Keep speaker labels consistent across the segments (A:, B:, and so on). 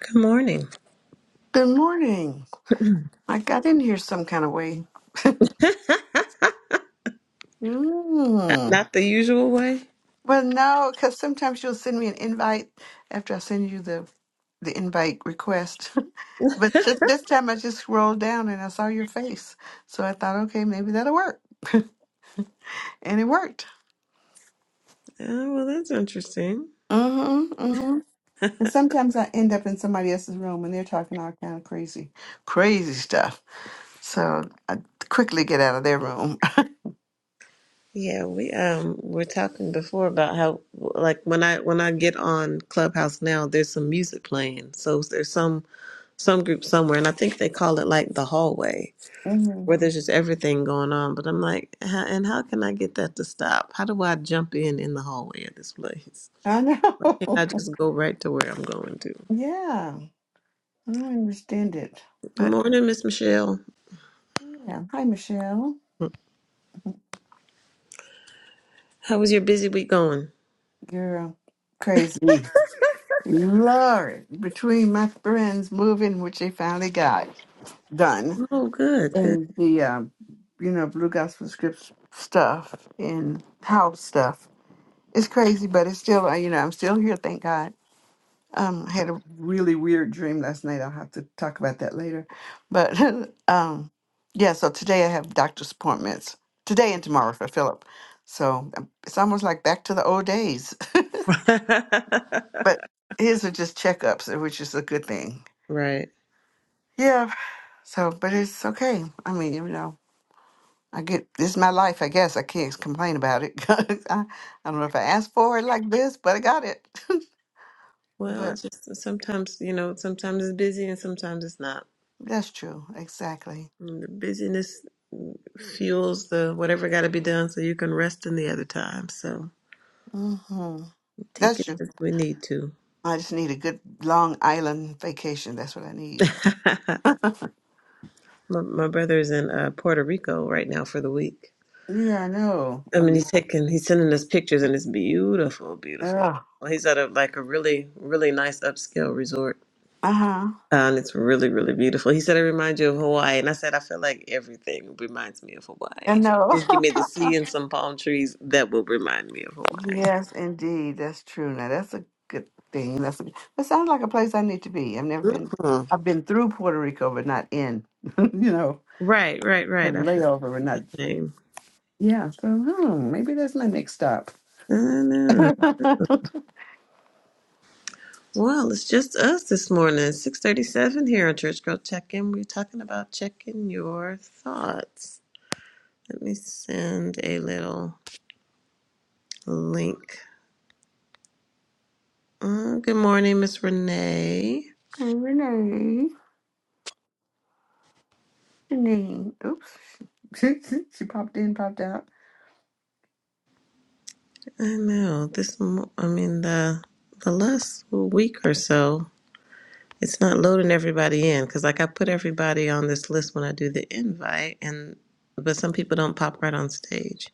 A: Good morning.
B: Good morning. I got in here some kind of way.
A: Uh,
B: Mm.
A: Not the usual way.
B: Well, no, because sometimes you'll send me an invite after I send you the the invite request. but this, this time I just scrolled down and I saw your face, so I thought, okay, maybe that'll work, and it worked.
A: Oh, well, that's interesting.
B: Mm-hmm. Mm-hmm. And sometimes I end up in somebody else's room and they're talking all kind of crazy, crazy stuff. So I quickly get out of their room.
A: Yeah, we um were talking before about how like when I when I get on Clubhouse now, there's some music playing. So there's some some group somewhere, and I think they call it like the hallway where there's just everything going on. But I'm like, how, and how can I get that to stop? How do I jump in in the hallway at this place?
B: I
A: Can
B: know.
A: I just go right to where I'm going to?
B: yeah, I don't understand it.
A: Good
B: But
A: morning, Miss Michelle.
B: yeah, hi Michelle.
A: How was your busy week going?
B: You're crazy. Lord, between my friends moving, which they finally got done,
A: Oh, good, good.
B: and the um, you know Blue Gospel Scripts stuff and house stuff, it's crazy. But it's still, uh, you know, I'm still here. Thank God. Um, I had a really weird dream last night. I'll have to talk about that later. But um, yeah, so today I have doctor's appointments today and tomorrow for Philip. So um, it's almost like back to the old days. But his are just checkups, uh, which is a good thing.
A: right.
B: Yeah. So, but it's okay. I mean, you know, I get this is my life. I guess I can't complain about it. 'Cause I, I don't know if I asked for it like this, but I got it.
A: Well,
B: but
A: it's just sometimes, you know, sometimes it's busy and sometimes it's not.
B: that's true. Exactly.
A: And the busyness fuels the whatever got to be done so you can rest in the other time. So
B: hmm
A: take
B: That's
A: it
B: true.
A: as we need to.
B: I just need a good Long Island vacation. That's what I need.
A: my, my brother is in uh, Puerto Rico right now for the week.
B: Yeah, I know.
A: I
B: I
A: mean,
B: mean,
A: he's taking, he's sending us pictures and it's beautiful, beautiful. Well, he's at a like a really, really nice upscale resort
B: Uh huh.
A: Um, it's really, really beautiful. He said, "It reminds you of Hawaii," and I said, "I feel like everything reminds me of
B: I
A: Hawaii.
B: know.
A: Just give me the sea and some palm trees that will remind me of Hawaii."
B: yes, indeed. That's true. Now that's a good thing. That's a, that sounds like a place I need to be. I've never been.
A: Mhm.
B: I've been through Puerto Rico, but not in. you know,
A: Right, right,
B: had
A: right.
B: a
A: I feel
B: layover, but not.
A: the same.
B: Yeah. So hmm, maybe that's my next stop.
A: I know.
B: hey,
A: Well, it's just us this morning. Six thirty-seven here on Church Girl Check In. We're talking about checking your thoughts. Let me send a little link. Uh, good morning, Miss Renee.
B: Renee. Janine. Oops. she popped in, popped out.
A: I know this. mo- I mean the the last week or so, it's not loading everybody in because like I put everybody on this list when I do the invite, and but some people don't pop right on stage,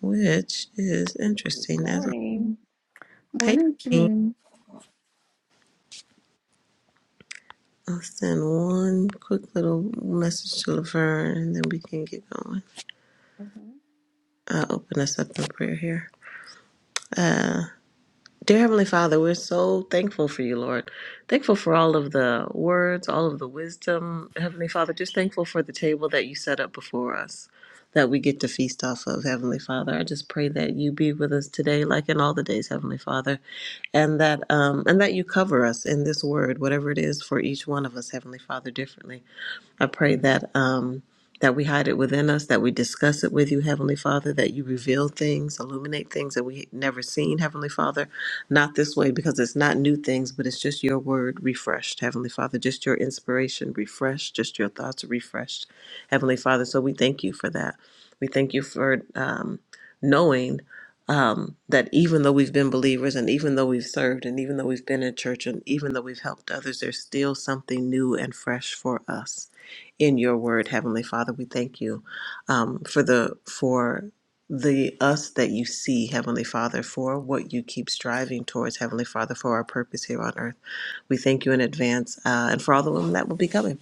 A: which is
C: Good
A: interesting. As a
C: morning.
B: Mhm. Morning,
A: patron,
B: Janine.
A: I'll send one quick little message to Laverne, and then we can get going.
B: Mhm.
A: I'll open us up in prayer here. Uh, Dear Heavenly Father, we're so thankful for you, Lord. Thankful for all of the words, all of the wisdom. Heavenly Father, just thankful for the table that you set up before us that we get to feast off of, Heavenly Father. I just pray that you be with us today, like in all the days, Heavenly Father, and that um, and that you cover us in this word, whatever it is for each one of us, Heavenly Father, differently. I pray that um, that we hide it within us, that we discuss it with you, Heavenly Father, that you reveal things, illuminate things that we never seen, Heavenly Father. Not this way because it's not new things, but it's just your word refreshed, Heavenly Father, just your inspiration refreshed, just your thoughts refreshed, Heavenly Father. So we thank you for that. We thank you for um, knowing um, that even though we've been believers and even though we've served and even though we've been in church and even though we've helped others, there's still something new and fresh for us in your word, Heavenly Father. We thank you um, for the for the us that you see, Heavenly Father, for what you keep striving towards, Heavenly Father, for our purpose here on earth. We thank you in advance uh, and for all the women that will be coming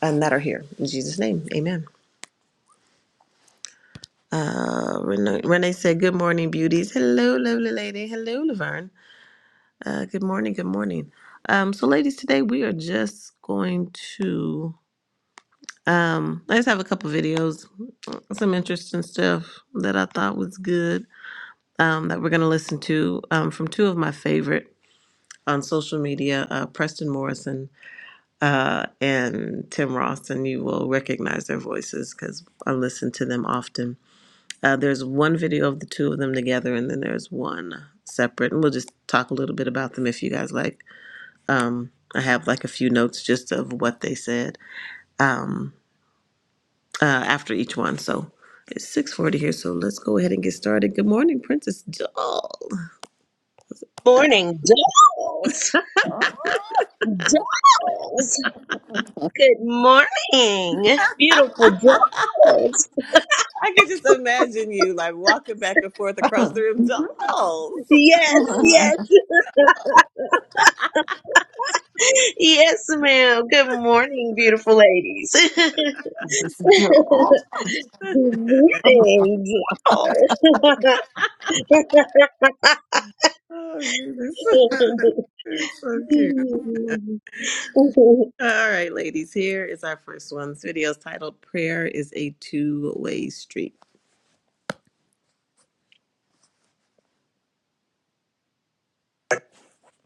A: and that are here. In Jesus' name, amen. Uh, Renee, Renee said, Good morning, beauties. Hello, lovely lady. Hello, Laverne. Uh, good morning, good morning. Um, so, ladies, today we are just going to. Um, I just have a couple videos some interesting stuff that I thought was good um, that we're going to listen to um, from two of my favorite on social media, uh, Preston Morrison uh, and Tim Ross, and you will recognize their voices because I listen to them often. Uh, there's one video of the two of them together, and then there's one separate, and we'll just talk a little bit about them if you guys like. Um, I have like a few notes just of what they said. Um, uh, after each one. So it's six forty here. So let's go ahead and get started. Good morning, Princess Doll.
D: Morning, dolls.
B: Oh.
D: Dolls. Good morning, beautiful dolls.
A: I could just imagine you like walking back and forth across the room, dolls.
D: Yes,
A: Go
D: yes,
A: work.
D: yes, ma'am. Good morning, beautiful ladies.
B: Just a
D: Good
B: joke.
D: morning, dolls.
A: Oh goodness. It's so cute. All right, ladies, here is our first one. This video is titled Prayer is a Two Way Street.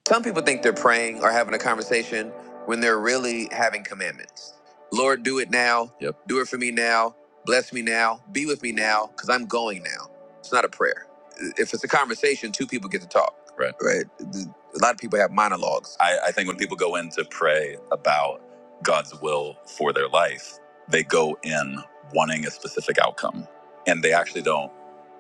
A: Some people think they're praying or having a conversation when they're really having commandments. Lord, do it now. Yep. Do it for me now. Bless me now. Be with me now because I'm going now. It's not a prayer. If it's a conversation, two people get to talk. Right. Right. A lot of people have monologues. I, I think when people go in to pray about God's will for their life, they go in wanting a specific outcome. And they actually don't,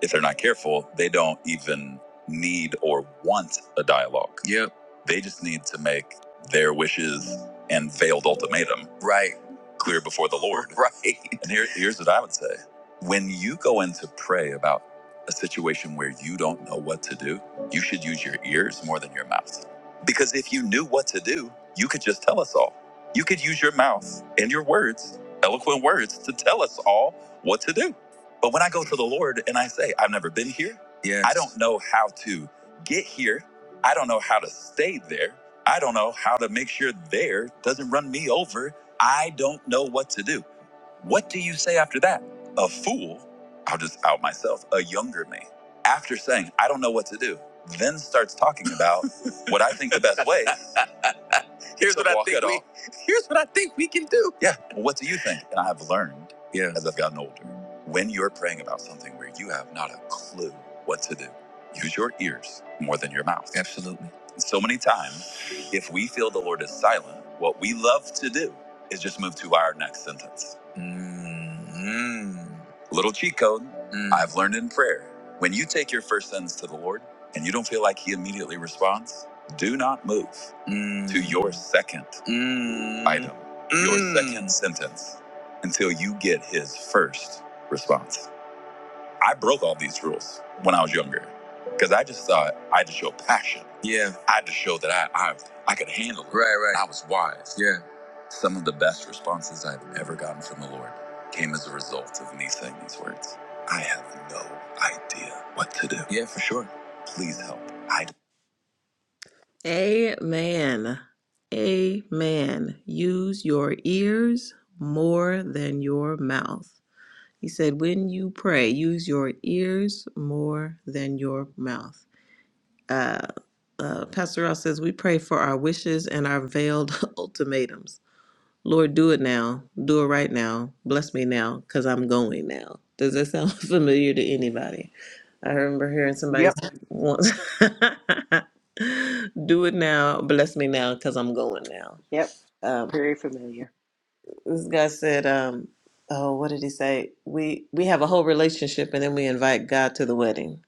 A: if they're not careful, they don't even need or want a dialogue. Yep they just need to make their wishes and veiled ultimatum Right. clear before the Lord. Right. And here, here's what I would say when you go in to pray about a situation where you don't know what to do, you should use your ears more than your mouth. Because if you knew what to do, you could just tell us all. You could use your mouth and your words, eloquent words, to tell us all what to do. But when I go to the Lord and I say, I've never been here, yes. I Yes. don't know how to get here, I don't know how to stay there. I don't know how to make sure there doesn't run me over. I don't know what to do. What do you say after that? A fool, I'll just out myself, a younger me. After saying, I don't know what to do, then starts talking about what I think the best way. Here's what I think we, Here's what I think we can do. Yeah. Well, what do you think? And I have learned yeah. as I've gotten older, when you're praying about something where you have not a clue what to do, use your ears more than your mouth. Absolutely. And so many times, if we feel the Lord is silent, what we love to do is just move to our next sentence. Mm. Little cheat code Mm. I've learned in prayer. When you take your first sentence to the Lord and you don't feel like He immediately responds, do not move Mm. to your second Mm. item, your Mm. second sentence, until you get his first response. I broke all these rules when I was younger because I just thought I had to show passion. Yeah. I had to show that I I, I could handle it. Right, right. I was wise. Yeah. Some of the best responses I've ever gotten from the Lord came as a result of me saying these words. I have no idea what to do. Yeah, for sure. Please help. I Amen. Amen. Use your ears more than your mouth. He said, when you pray, use your ears more than your mouth. Uh, uh, Pastor Ross says, we pray for our wishes and our veiled ultimatums. Lord, do it now. Do it right now. Bless me now because I'm going now. Does that sound familiar to anybody? I remember hearing somebody
B: Yep.
A: say once, do it now. Bless me now because I'm going now.
C: Yep,
A: Um,
C: very familiar.
A: this guy said, um, oh, what did he say? We, we have a whole relationship and then we invite God to the wedding.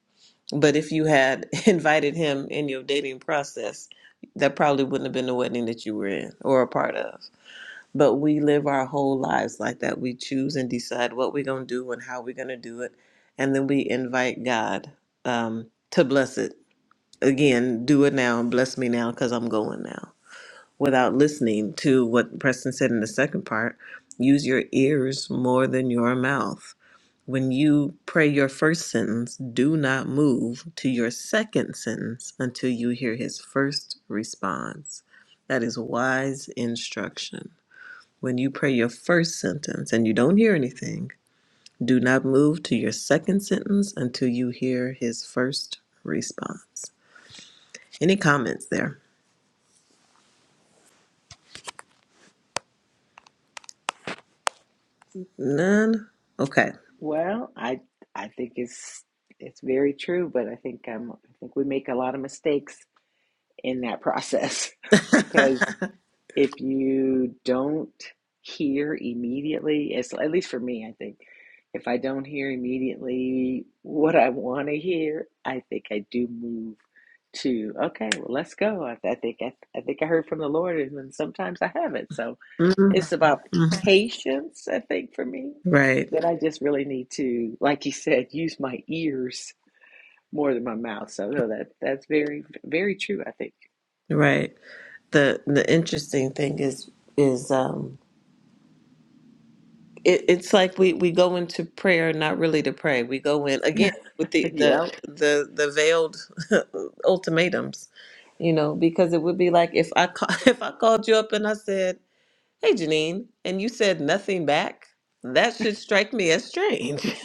A: But if you had invited him in your dating process, that probably wouldn't have been the wedding that you were in or a part of but we live our whole lives like that. We choose and decide what we're going to do and how we're going to do it. And then we invite God um, to bless it. Again, do it now and bless me now because I'm going now. Without listening to what Preston said in the second part, use your ears more than your mouth. When you pray your first sentence, do not move to your second sentence until you hear his first response. That is wise instruction. When you pray your first sentence and you don't hear anything, do not move to your second sentence until you hear his first response. Any comments there? None? Okay.
C: Well, I I think it's it's very true, but I think um I think we make a lot of mistakes in that process because If you don't hear immediately, it's, at least for me, I think, if I don't hear immediately what I want to hear, I think I do move to, okay, well, let's go. I, I think I, I think I heard from the Lord, and then sometimes I haven't. So
A: Mm,
C: it's about
A: Mhm.
C: patience, I think, for me,
A: Right,
C: that I just really need to, like you said, use my ears more than my mouth. So no, that that's very, very true, I think.
A: right. The the interesting thing is is um it, it's like we we go into prayer not really to pray we go in again with the the
C: yep,
A: the, the veiled ultimatums you know because it would be like if i call, if i called you up and i said hey janine and you said nothing back that should strike me as strange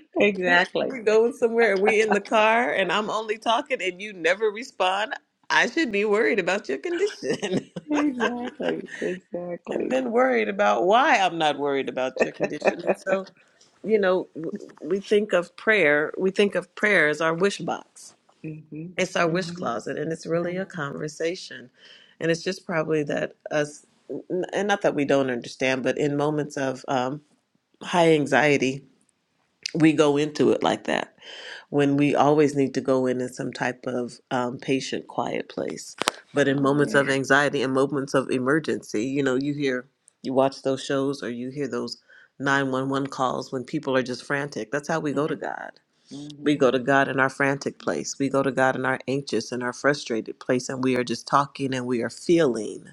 A: we,
C: exactly.
A: we're going somewhere and we in the car and i'm only talking and you never respond i should be worried about your condition
C: Exactly,
A: and
C: exactly.
A: then worried about why i'm not worried about your condition and so you know, w- we think of prayer, we think of prayer as our wish box.
C: Mm-hmm.
A: It's our wish
C: Mm-hmm.
A: closet, and it's really a conversation. And it's just probably that us, n- and not that we don't understand, but in moments of um, high anxiety, we go into it like that when we always need to go in in some type of um, patient quiet place but in moments
C: Amen.
A: of anxiety and moments of emergency you know you hear you watch those shows or you hear those 911 calls when people are just frantic that's how we go to
C: Mm-hmm.
A: god we
C: Mm-hmm.
A: go to god in our frantic place we go to god in our anxious and our frustrated place and we are just talking and we are feeling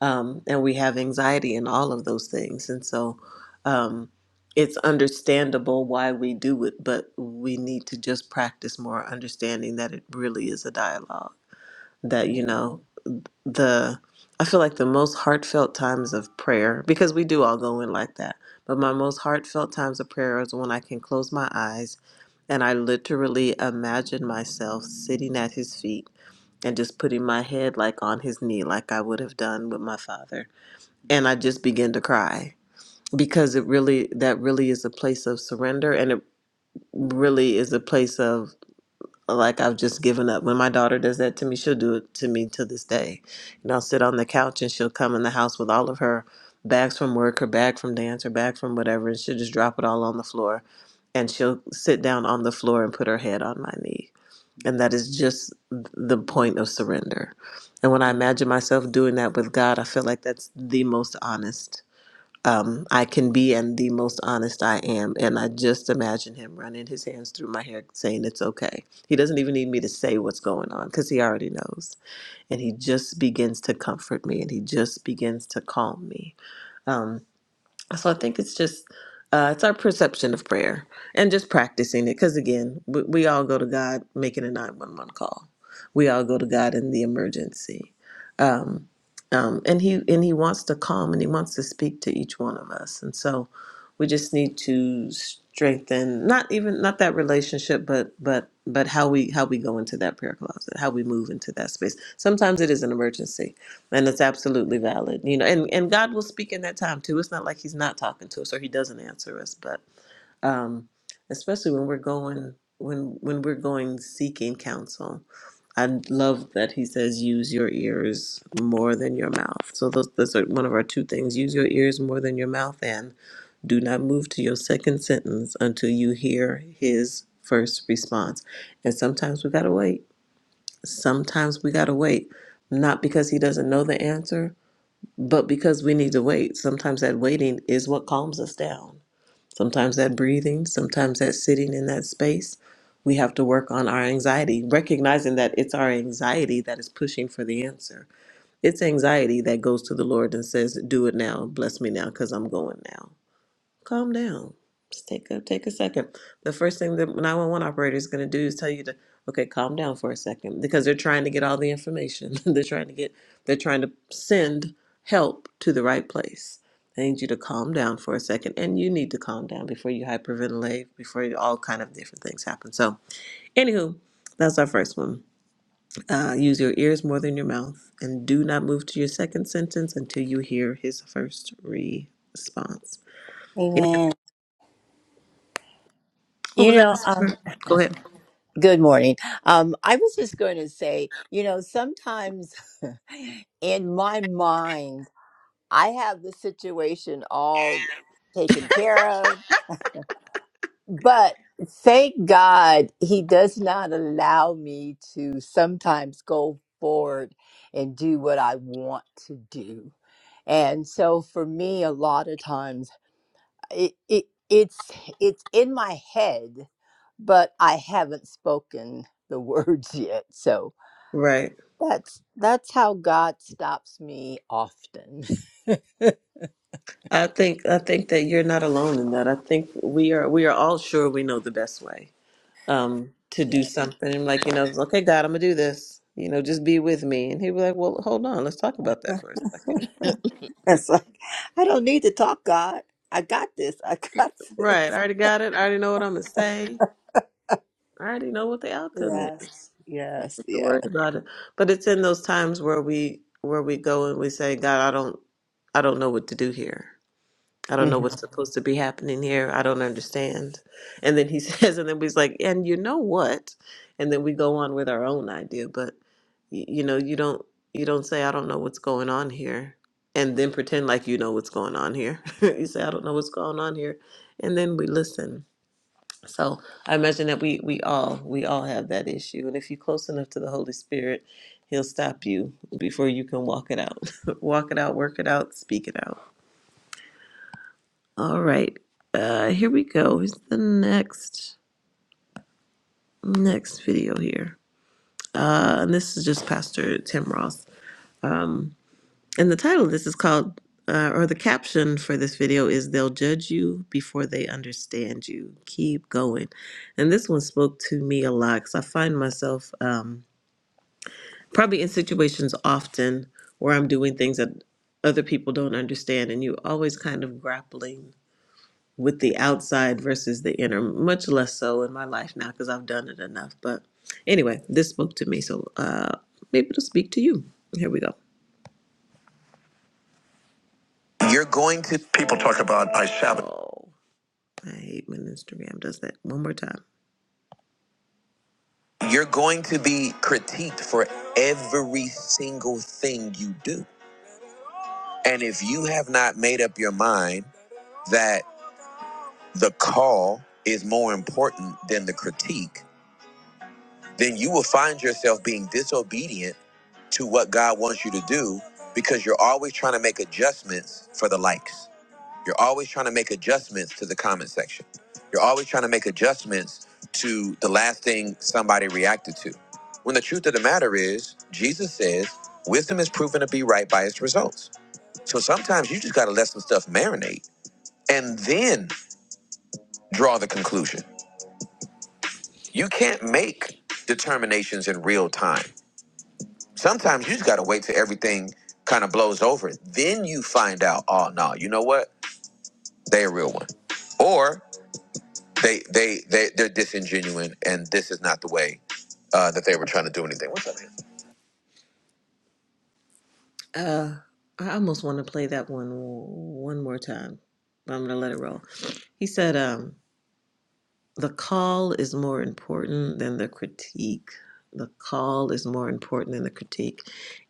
A: um, and we have anxiety and all of those things. And so um, it's understandable why we do it, but we need to just practice more understanding that it really is a dialogue. That, you
C: Amen.
A: know, the, I feel like the most heartfelt times of prayer, because we do all go in like that, but my most heartfelt times of prayer is when I can close my eyes and I literally imagine myself sitting at his feet and just putting my head like on his knee, like I would have done with my father and I just began to cry because it really that really is a place of surrender and it really is a place of like I've just given up. When my daughter does that to me, she'll do it to me to this day. And I'll sit on the couch and she'll come in the house with all of her bags from work, her bag from dance, her bag from whatever, and she'll just drop it all on the floor. And she'll sit down on the floor and put her head on my knee. And that is just the
C: Mm-hmm.
A: point of
C: Amen.
A: surrender. And when I imagine myself doing that with God, I feel like that's the most honest um, I can be and the most honest I am. And I just imagine him running his hands through my hair saying, It's okay. He doesn't even need me to say what's going on because he already knows. And he just begins to comfort me and he just begins to calm me. Um, so I think it's just uh, it's our perception of prayer and just practicing it. Because again, we, we all go to God making a nine one one call. We all go to God in the emergency, um, um, and he and he wants to calm and he wants to speak to each one of us. And so we just need to strengthen not even not that relationship, but but but how we how we go into that prayer closet, how we move into that space. Sometimes it is an emergency and it's absolutely valid, you know. And and God will speak in that time too. It's not like He's not talking to us or He doesn't answer us. But um, especially when we're going when when we're going seeking counsel, I love that He says, "Use your ears more than your mouth." So those those are one of our two things: use your ears more than your mouth, and do not move to your second sentence until you hear His first response. And sometimes we gotta wait. Sometimes we gotta wait, not because He doesn't know the answer but because we need to wait, sometimes that waiting is what calms us down. Sometimes that breathing, sometimes that sitting in that space, we have to work on our anxiety, recognizing that it's our anxiety that is pushing for the answer. It's anxiety that goes to the Lord and says, Do it now, bless me now, because I'm going now calm down. Just take a take a second. The first thing the 911 operator is going to do is tell you to okay, calm down for a second because they're trying to get all the information. they're trying to get they're trying to send help to the right place. They need you to calm down for a second, and you need to calm down before you hyperventilate, before you, all kind of different things happen. So, anywho, that's our first one. Uh, use your ears more than your mouth, and do not move to your second sentence until you hear his first response. Any
E: Amen.
A: What was
E: You
A: that?
E: know, um,
A: Mhm. Go ahead.
E: good morning. Um, I was just going to say, you know, sometimes in my mind, I have the situation all taken care of, but thank God he does not allow me to sometimes go forward and do what I want to do. And so for me, a lot of times, it, it it's it's in my head but i haven't spoken the words yet so
A: Right.
E: that's that's how god stops me often
A: I think I think that you're not alone in that. I think we are we are all sure we know the best way um to do
E: yeah
A: something. And like, you know, okay, God, I'm gonna do this. You know, just be with me. And he'd be like, Well, hold on, let's talk about that for a second.
E: It's like, I don't need to talk, God. I got this. I got
A: Right. I
E: this.
A: already got it. I already know what I'm gonna say. I already know what the outcome is.
E: Yes.
A: Don't
E: Yes.
A: have to
E: Yes.
A: worry about it. But it's in those times where we where we go and we say, God, I don't I don't know what to do here. I don't know
E: hmm
A: what's supposed to be happening here. I don't understand. And then he says, and then we's like, and you know what? And then we go on with our own idea. But y- you know, you don't you don't say, I don't know what's going on here, and then pretend like you know what's going on here. you say, I don't know what's going on here, and then we listen. So I imagine that we we all we all have that issue. And if you're close enough to the Holy Spirit, He'll stop you before you can walk it out. walk it out, work it out, speak it out. All right. Uh, here we go. Here's the next next video here. Uh, and this is just Pastor Tim Ross. And the title of this is called, uh, or the caption for this video is "They'll judge you before they understand you. Keep going." And this one spoke to me a lot because I find myself um, probably in situations often where I'm doing things that other people don't understand, and you always kind of grappling with the outside versus the inner, much less so in my life now because I've done it enough. But anyway, this spoke to me, so uh, maybe it'll speak to you. Here we go. You're going to. People talk about I sabotage. Oh, I hate when Instagram does that. One more time. You're going to be critiqued for every single thing you do. And if you have not made up your mind that the call is more important than the critique, then you will find yourself being disobedient to what God wants you to do because you're always trying to make adjustments for the likes. You're always trying to make adjustments to the comment section. You're always trying to make adjustments to the last thing somebody reacted to. When the truth of the matter is, Jesus says, wisdom is proven to be right by its results. So sometimes you just got to let some stuff marinate and then draw the conclusion. You can't make determinations in real time. Sometimes you just gotta wait till everything kind of blows over. Then you find out, oh no, you know what? They a real one. Or they they they they're disingenuine and this is not the way uh, that they were trying to do anything. What's up, man? Uh, I almost want to play that one one more time, but I'm gonna let it roll. He said, um. the call is more important than the critique. The call is more important than the critique.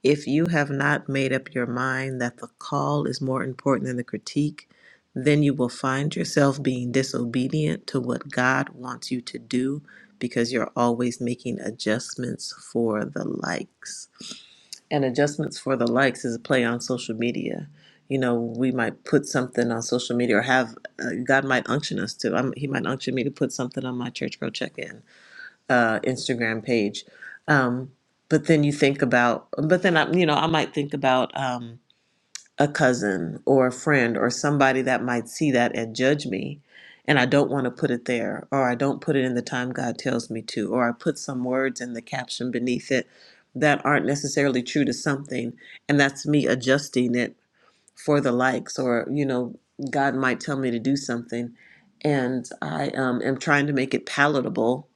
A: If you have not made up your mind that the call is more important than the critique, then you will find yourself being disobedient to what God wants you to do because you're always making adjustments for the likes. And adjustments for the likes is a play on social media. You know, we might put something on social media or have uh, God might unction us to. I'm, he might unction me to put something on my Church Girl Check In uh, Instagram page. Um, but then you think about, but then I, you know, I might think about. Um, a cousin or a friend or somebody that might see that and judge me and I don't want to put it there or I don't put it in the time God tells me to or I put some words in the caption beneath it that aren't necessarily true to something and that's me adjusting it for the likes or you know God might tell me to do something and I um, am trying to make it palatable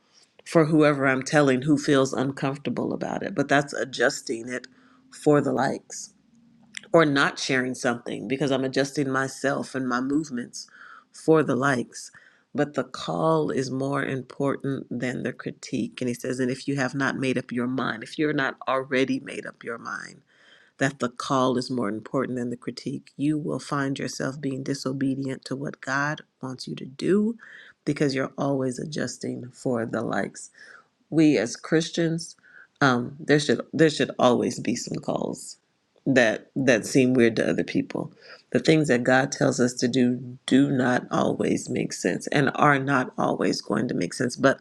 A: for whoever I'm telling who feels uncomfortable about it but that's adjusting it for the likes or not sharing something because I'm adjusting myself and my movements for the likes. But the call is more important than the critique. And he says, and if you have not made up your mind, if you're not already made up your mind that the call is more important than the critique, you will find yourself being disobedient to what God wants you to do because you're always adjusting for the likes we as Christians, um, there should there should always be some calls that that seem weird to other people. The things that God tells us to do do not always make sense and are not always going to make sense. But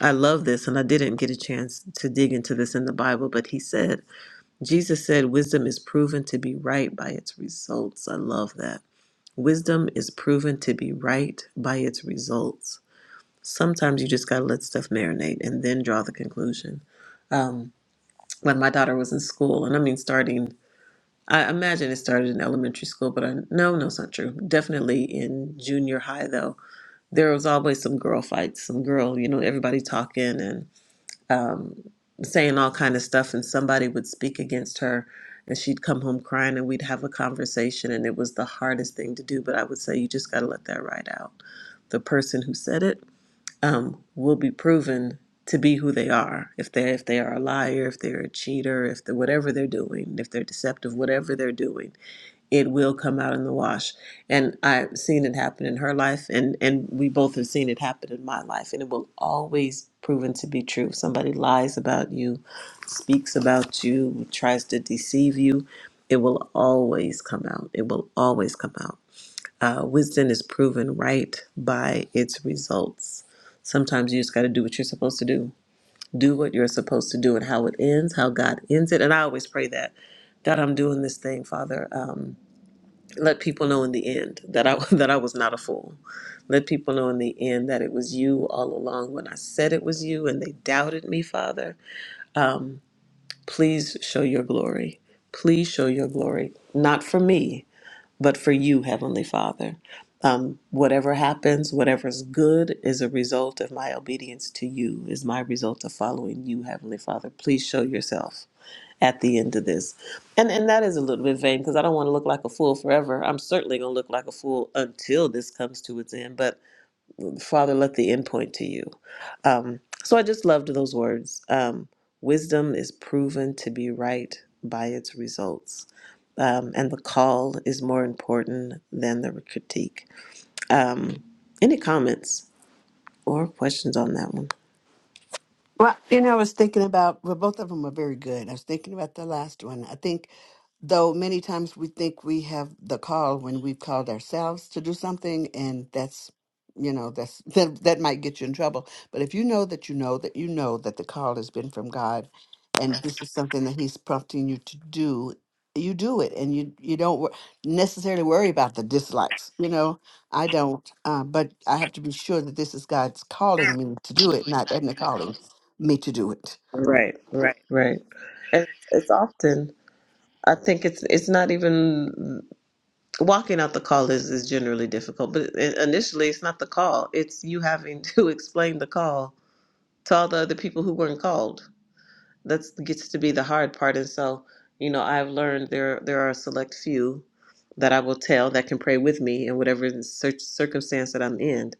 A: I love this, and I didn't get a chance to dig into this in the Bible. But He said, Jesus said, wisdom is proven to be right by its results. I love that. Wisdom is proven to be right by its results. Sometimes you just got to let stuff marinate and then draw the conclusion um, when my daughter was in school, and I mean starting. I imagine it started in elementary school, but I no, no, it's not true. Definitely in junior high, though, there was always some girl fights, some girl, you know, everybody talking and um, saying all kind of stuff, and somebody would speak against her, and she'd come home crying, and we'd have a conversation, and it was the hardest thing to do. But I would say you just got to let that ride out. The person who said it um, will be proven to be who they are. If they if they are a liar, if they're a cheater, if they, whatever they're doing, if they're deceptive, whatever they're doing, it will come out in the wash. And I've seen it happen in her life, and and we both have seen it happen in my life, and it will always proven to be true. Somebody lies about you, speaks about you, tries to deceive you. It will always come out. It will always come out. Uh, wisdom is proven right by its results. Sometimes you just got to do what you're supposed to do. Do what you're supposed to do and how it ends, how God ends it. And I always pray that God, I'm doing this thing, Father. Um, let people know in the end that I that I was not a fool. Let people know in the end that it was you all along when I said it was you and they doubted me, Father. Please show your glory. Please show your glory, not for me, but for you, Heavenly Father. Um, whatever happens, whatever's good is a result of my obedience to you, is my result of following you, Heavenly Father. Please show yourself at the end of this. And and that is a little bit vain because I don't want to look like a fool forever. I'm certainly gonna look like a fool until this comes to its end. But Father, let the end point to you. Um, so I just loved those words. Um, Wisdom is proven to be right by its results. Um, and the call is more important than the critique. Um, any comments or questions on that one?
B: Well, you know, I was thinking about, well, both of them are very good. I was thinking about the last one. I think, though, many times we think we have the call when we've called ourselves to do something, and that's, you know, that's that, that might get you in trouble. But if you know that you know that you know that the call has been from God, and this is something that He's prompting you to do, you do it, and you you don't wor- necessarily worry about the dislikes. You know, I don't, uh, but I have to be sure that this is God's calling me to do it, not Edna calling me to do it.
A: Right, right, right. And it's often, I think it's it's not even walking out the call is, is generally difficult, but i- initially it's not the call. It's you having to explain the call to all the other people who weren't called. that gets to be the hard part. And so, you know, I've learned there there are a select few that I will tell that can pray with me in whatever cir- circumstance that I'm in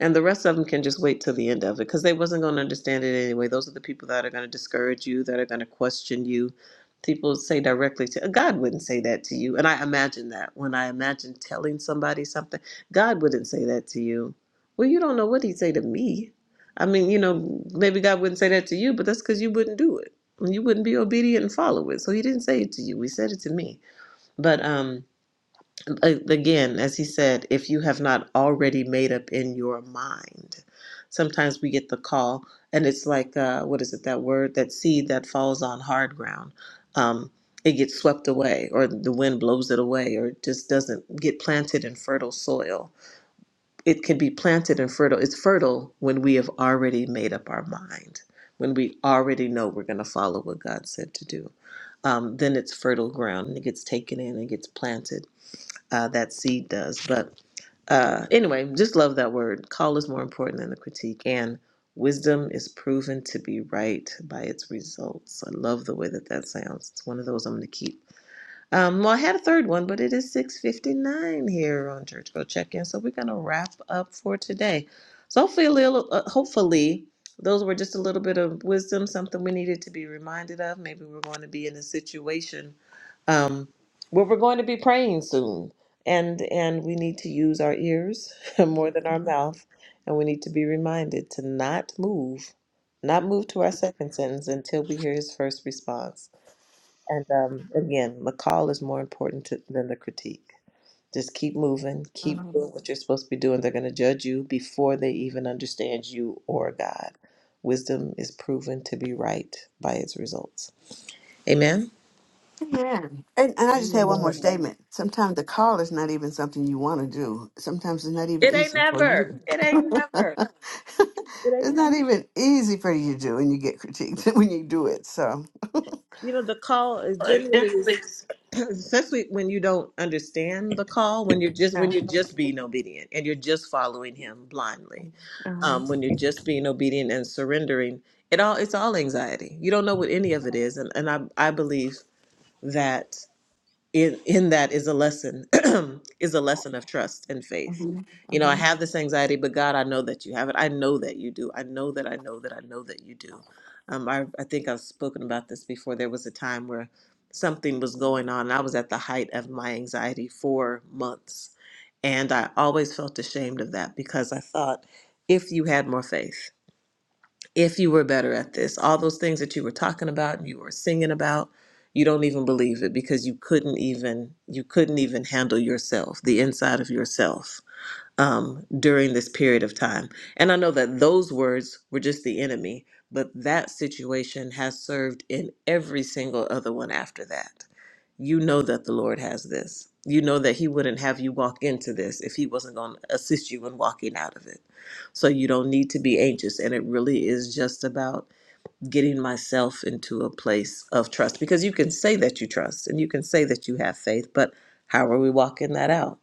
A: and the rest of them can just wait till the end of it because they wasn't going to understand it anyway those are the people that are going to discourage you that are going to question you people say directly to uh, god wouldn't say that to you and i imagine that when i imagine telling somebody something god wouldn't say that to you well you don't know what he'd say to me i mean you know maybe god wouldn't say that to you but that's because you wouldn't do it you wouldn't be obedient and follow it so he didn't say it to you he said it to me but um again, as he said, if you have not already made up in your mind, sometimes we get the call, and it's like, uh, what is it, that word, that seed that falls on hard ground? Um, it gets swept away, or the wind blows it away, or it just doesn't get planted in fertile soil. It can be planted in fertile, it's fertile when we have already made up our mind, when we already know we're going to follow what God said to do. Um, then it's fertile ground and it gets taken in and gets planted uh, that seed does. But uh, anyway, just love that word. Call is more important than the critique, and wisdom is proven to be right by its results. I love the way that that sounds. It's one of those I'm going to keep. Um, well, I had a third one, but it is 6:59 here on Church Go Check In, so we're gonna wrap up for today. So hopefully, a little, uh, hopefully, those were just a little bit of wisdom, something we needed to be reminded of. Maybe we're going to be in a situation um, where we're going to be praying soon, and and we need to use our ears more than our mouth, and we need to be reminded to not move, not move to our second sentence until we hear His first response. And um, again, the call is more important to, than the critique. Just keep moving, keep doing
B: Um,
A: what you're supposed to be doing. They're going to judge you before they even understand you or God. Wisdom is proven to be right by its results. Amen.
B: Amen. And, and I just had one more
C: Amen.
B: statement. Sometimes the call is not even something you want to do. Sometimes it's not even
A: It ain't
B: easy for
A: never.
B: you.
A: It ain't never.
B: it's
A: It ain't.
B: not even easy for you to do, and you get critiqued when you do it. So
A: You know, the call is
B: Well, it
A: generally is
B: definitely is.
A: especially when you don't understand the call when you're just
B: Yeah.
A: when you're just being obedient and you're just following him blindly
B: uh-huh,
A: um, when you're just being obedient and surrendering it all it's all anxiety you don't know what any of it is and, and I, I believe that in in that is a lesson is a lesson of trust and
B: uh
A: faith you know
B: uh-huh.
A: i have this anxiety but god i know that you have it i know that you do i know that i know that i know that you do um, I, I think i've spoken about this before there was a time where something was going on and i was at the height of my anxiety for months and i always felt ashamed of that because i thought if you had more faith if you were better at this, all those things that you were talking about and you were singing about, you don't even believe it because you couldn't even you couldn't even handle yourself, the inside of yourself um, during this period of time. And I know that those words were just the enemy, but that situation has served in every single other one after that. You know that the Lord has this. You know that He wouldn't have you walk into this if He wasn't going to assist you in walking out of it. So you don't need to be anxious. And it really is just about getting myself into a place of trust because you can say that you trust and you can say that you have faith, but how are we walking that out?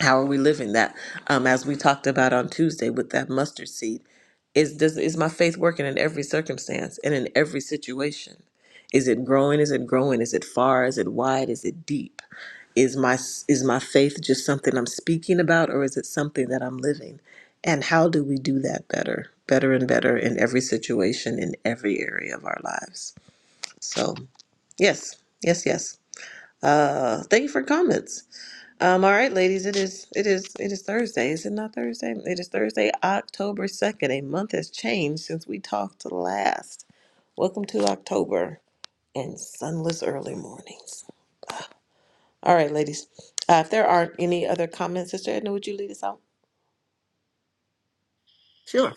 A: how are we living that um as we talked about on tuesday with that mustard seed is does is my faith working in every circumstance and in every situation is it growing is it growing is it far is it wide is it deep is my is my faith just something i'm speaking about or is it something that i'm living and how do we do that better better and better in every situation in every area of our lives so yes yes yes uh thank you for comments um, all right, ladies, it is it is it is Thursday. Is it not Thursday? It is Thursday, October 2nd. A month has changed since we talked last. Welcome to October and sunless early mornings. All right, ladies. Uh, if there aren't any other comments, Sister Edna, would you lead us out?
B: Sure.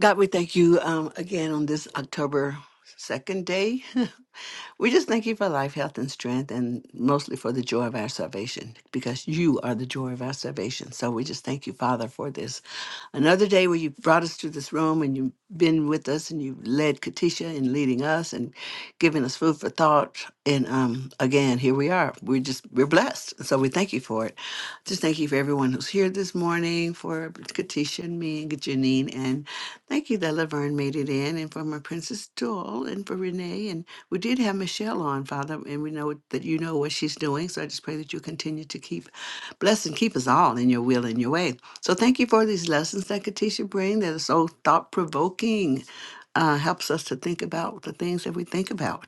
B: God, we thank you um, again on this October second day. We just thank you for life, health, and strength, and mostly for the joy of our salvation, because you are the joy of our salvation. So we just thank you, Father, for this Another day where you brought us to this room and you've been with us and you led Katisha in leading us and giving us food for thought. And um, again, here we are. We're just, we're blessed. So we thank you for it. Just thank you for everyone who's here this morning, for Katisha and me and Janine. And thank you that Laverne made it in and for my Princess Doll and for Renee. And we did have Michelle on, Father, and we know that you know what she's doing. So I just pray that you continue to keep, bless and keep us all in your will and your way. So thank you for these lessons that Katisha bring that are so thought provoking. Uh, helps us to think about the things that we think about.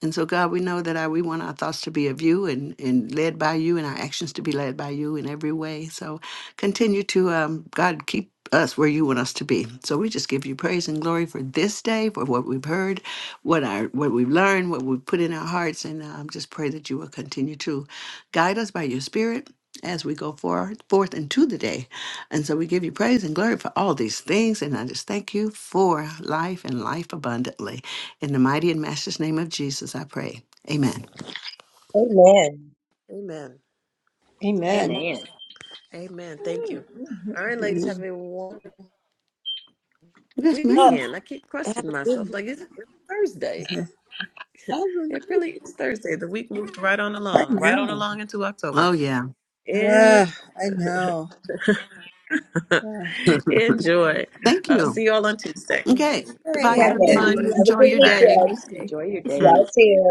B: And so, God, we know that I, we want our thoughts to be of you and, and led by you and our actions to be led by you in every way. So continue to, um, God, keep us where you want us to be. So we just give you praise and glory for this day, for what we've heard, what our what we've learned, what we've put in our hearts, and um, just pray that you will continue to guide us by your Spirit as we go forward, forth into the day. And so we give you praise and glory for all these things, and I just thank you for life and life abundantly. In the mighty and master's name of Jesus, I pray. Amen.
D: Amen.
A: Amen.
E: Amen.
C: Amen.
A: Amen. Thank you. All right, ladies,
B: Mhm.
A: have a wonderful
B: Yes,
E: Oh,
B: ma'am.
A: weekend. I keep questioning myself,
E: good.
A: like, is it really Thursday? It really is Thursday. The week moved right on
E: I know. I
A: along, right on
E: know.
A: along into October.
B: Oh, yeah.
A: In
E: Ah, I know. Ah.
A: Enjoy.
B: Thank
A: Uh,
B: you.
A: see you all on Tuesday.
C: Amen.
B: Okay.
C: Amen.
E: All right.
B: Goodbye,
C: Bye,
E: Have a
D: Okay.
E: good. one.
B: everyone.
C: ladies.
D: Have a
B: Enjoy
D: good
B: your
A: Bye.
B: day.
D: weekend.
C: Enjoy your
D: Y'all
C: days.
D: too.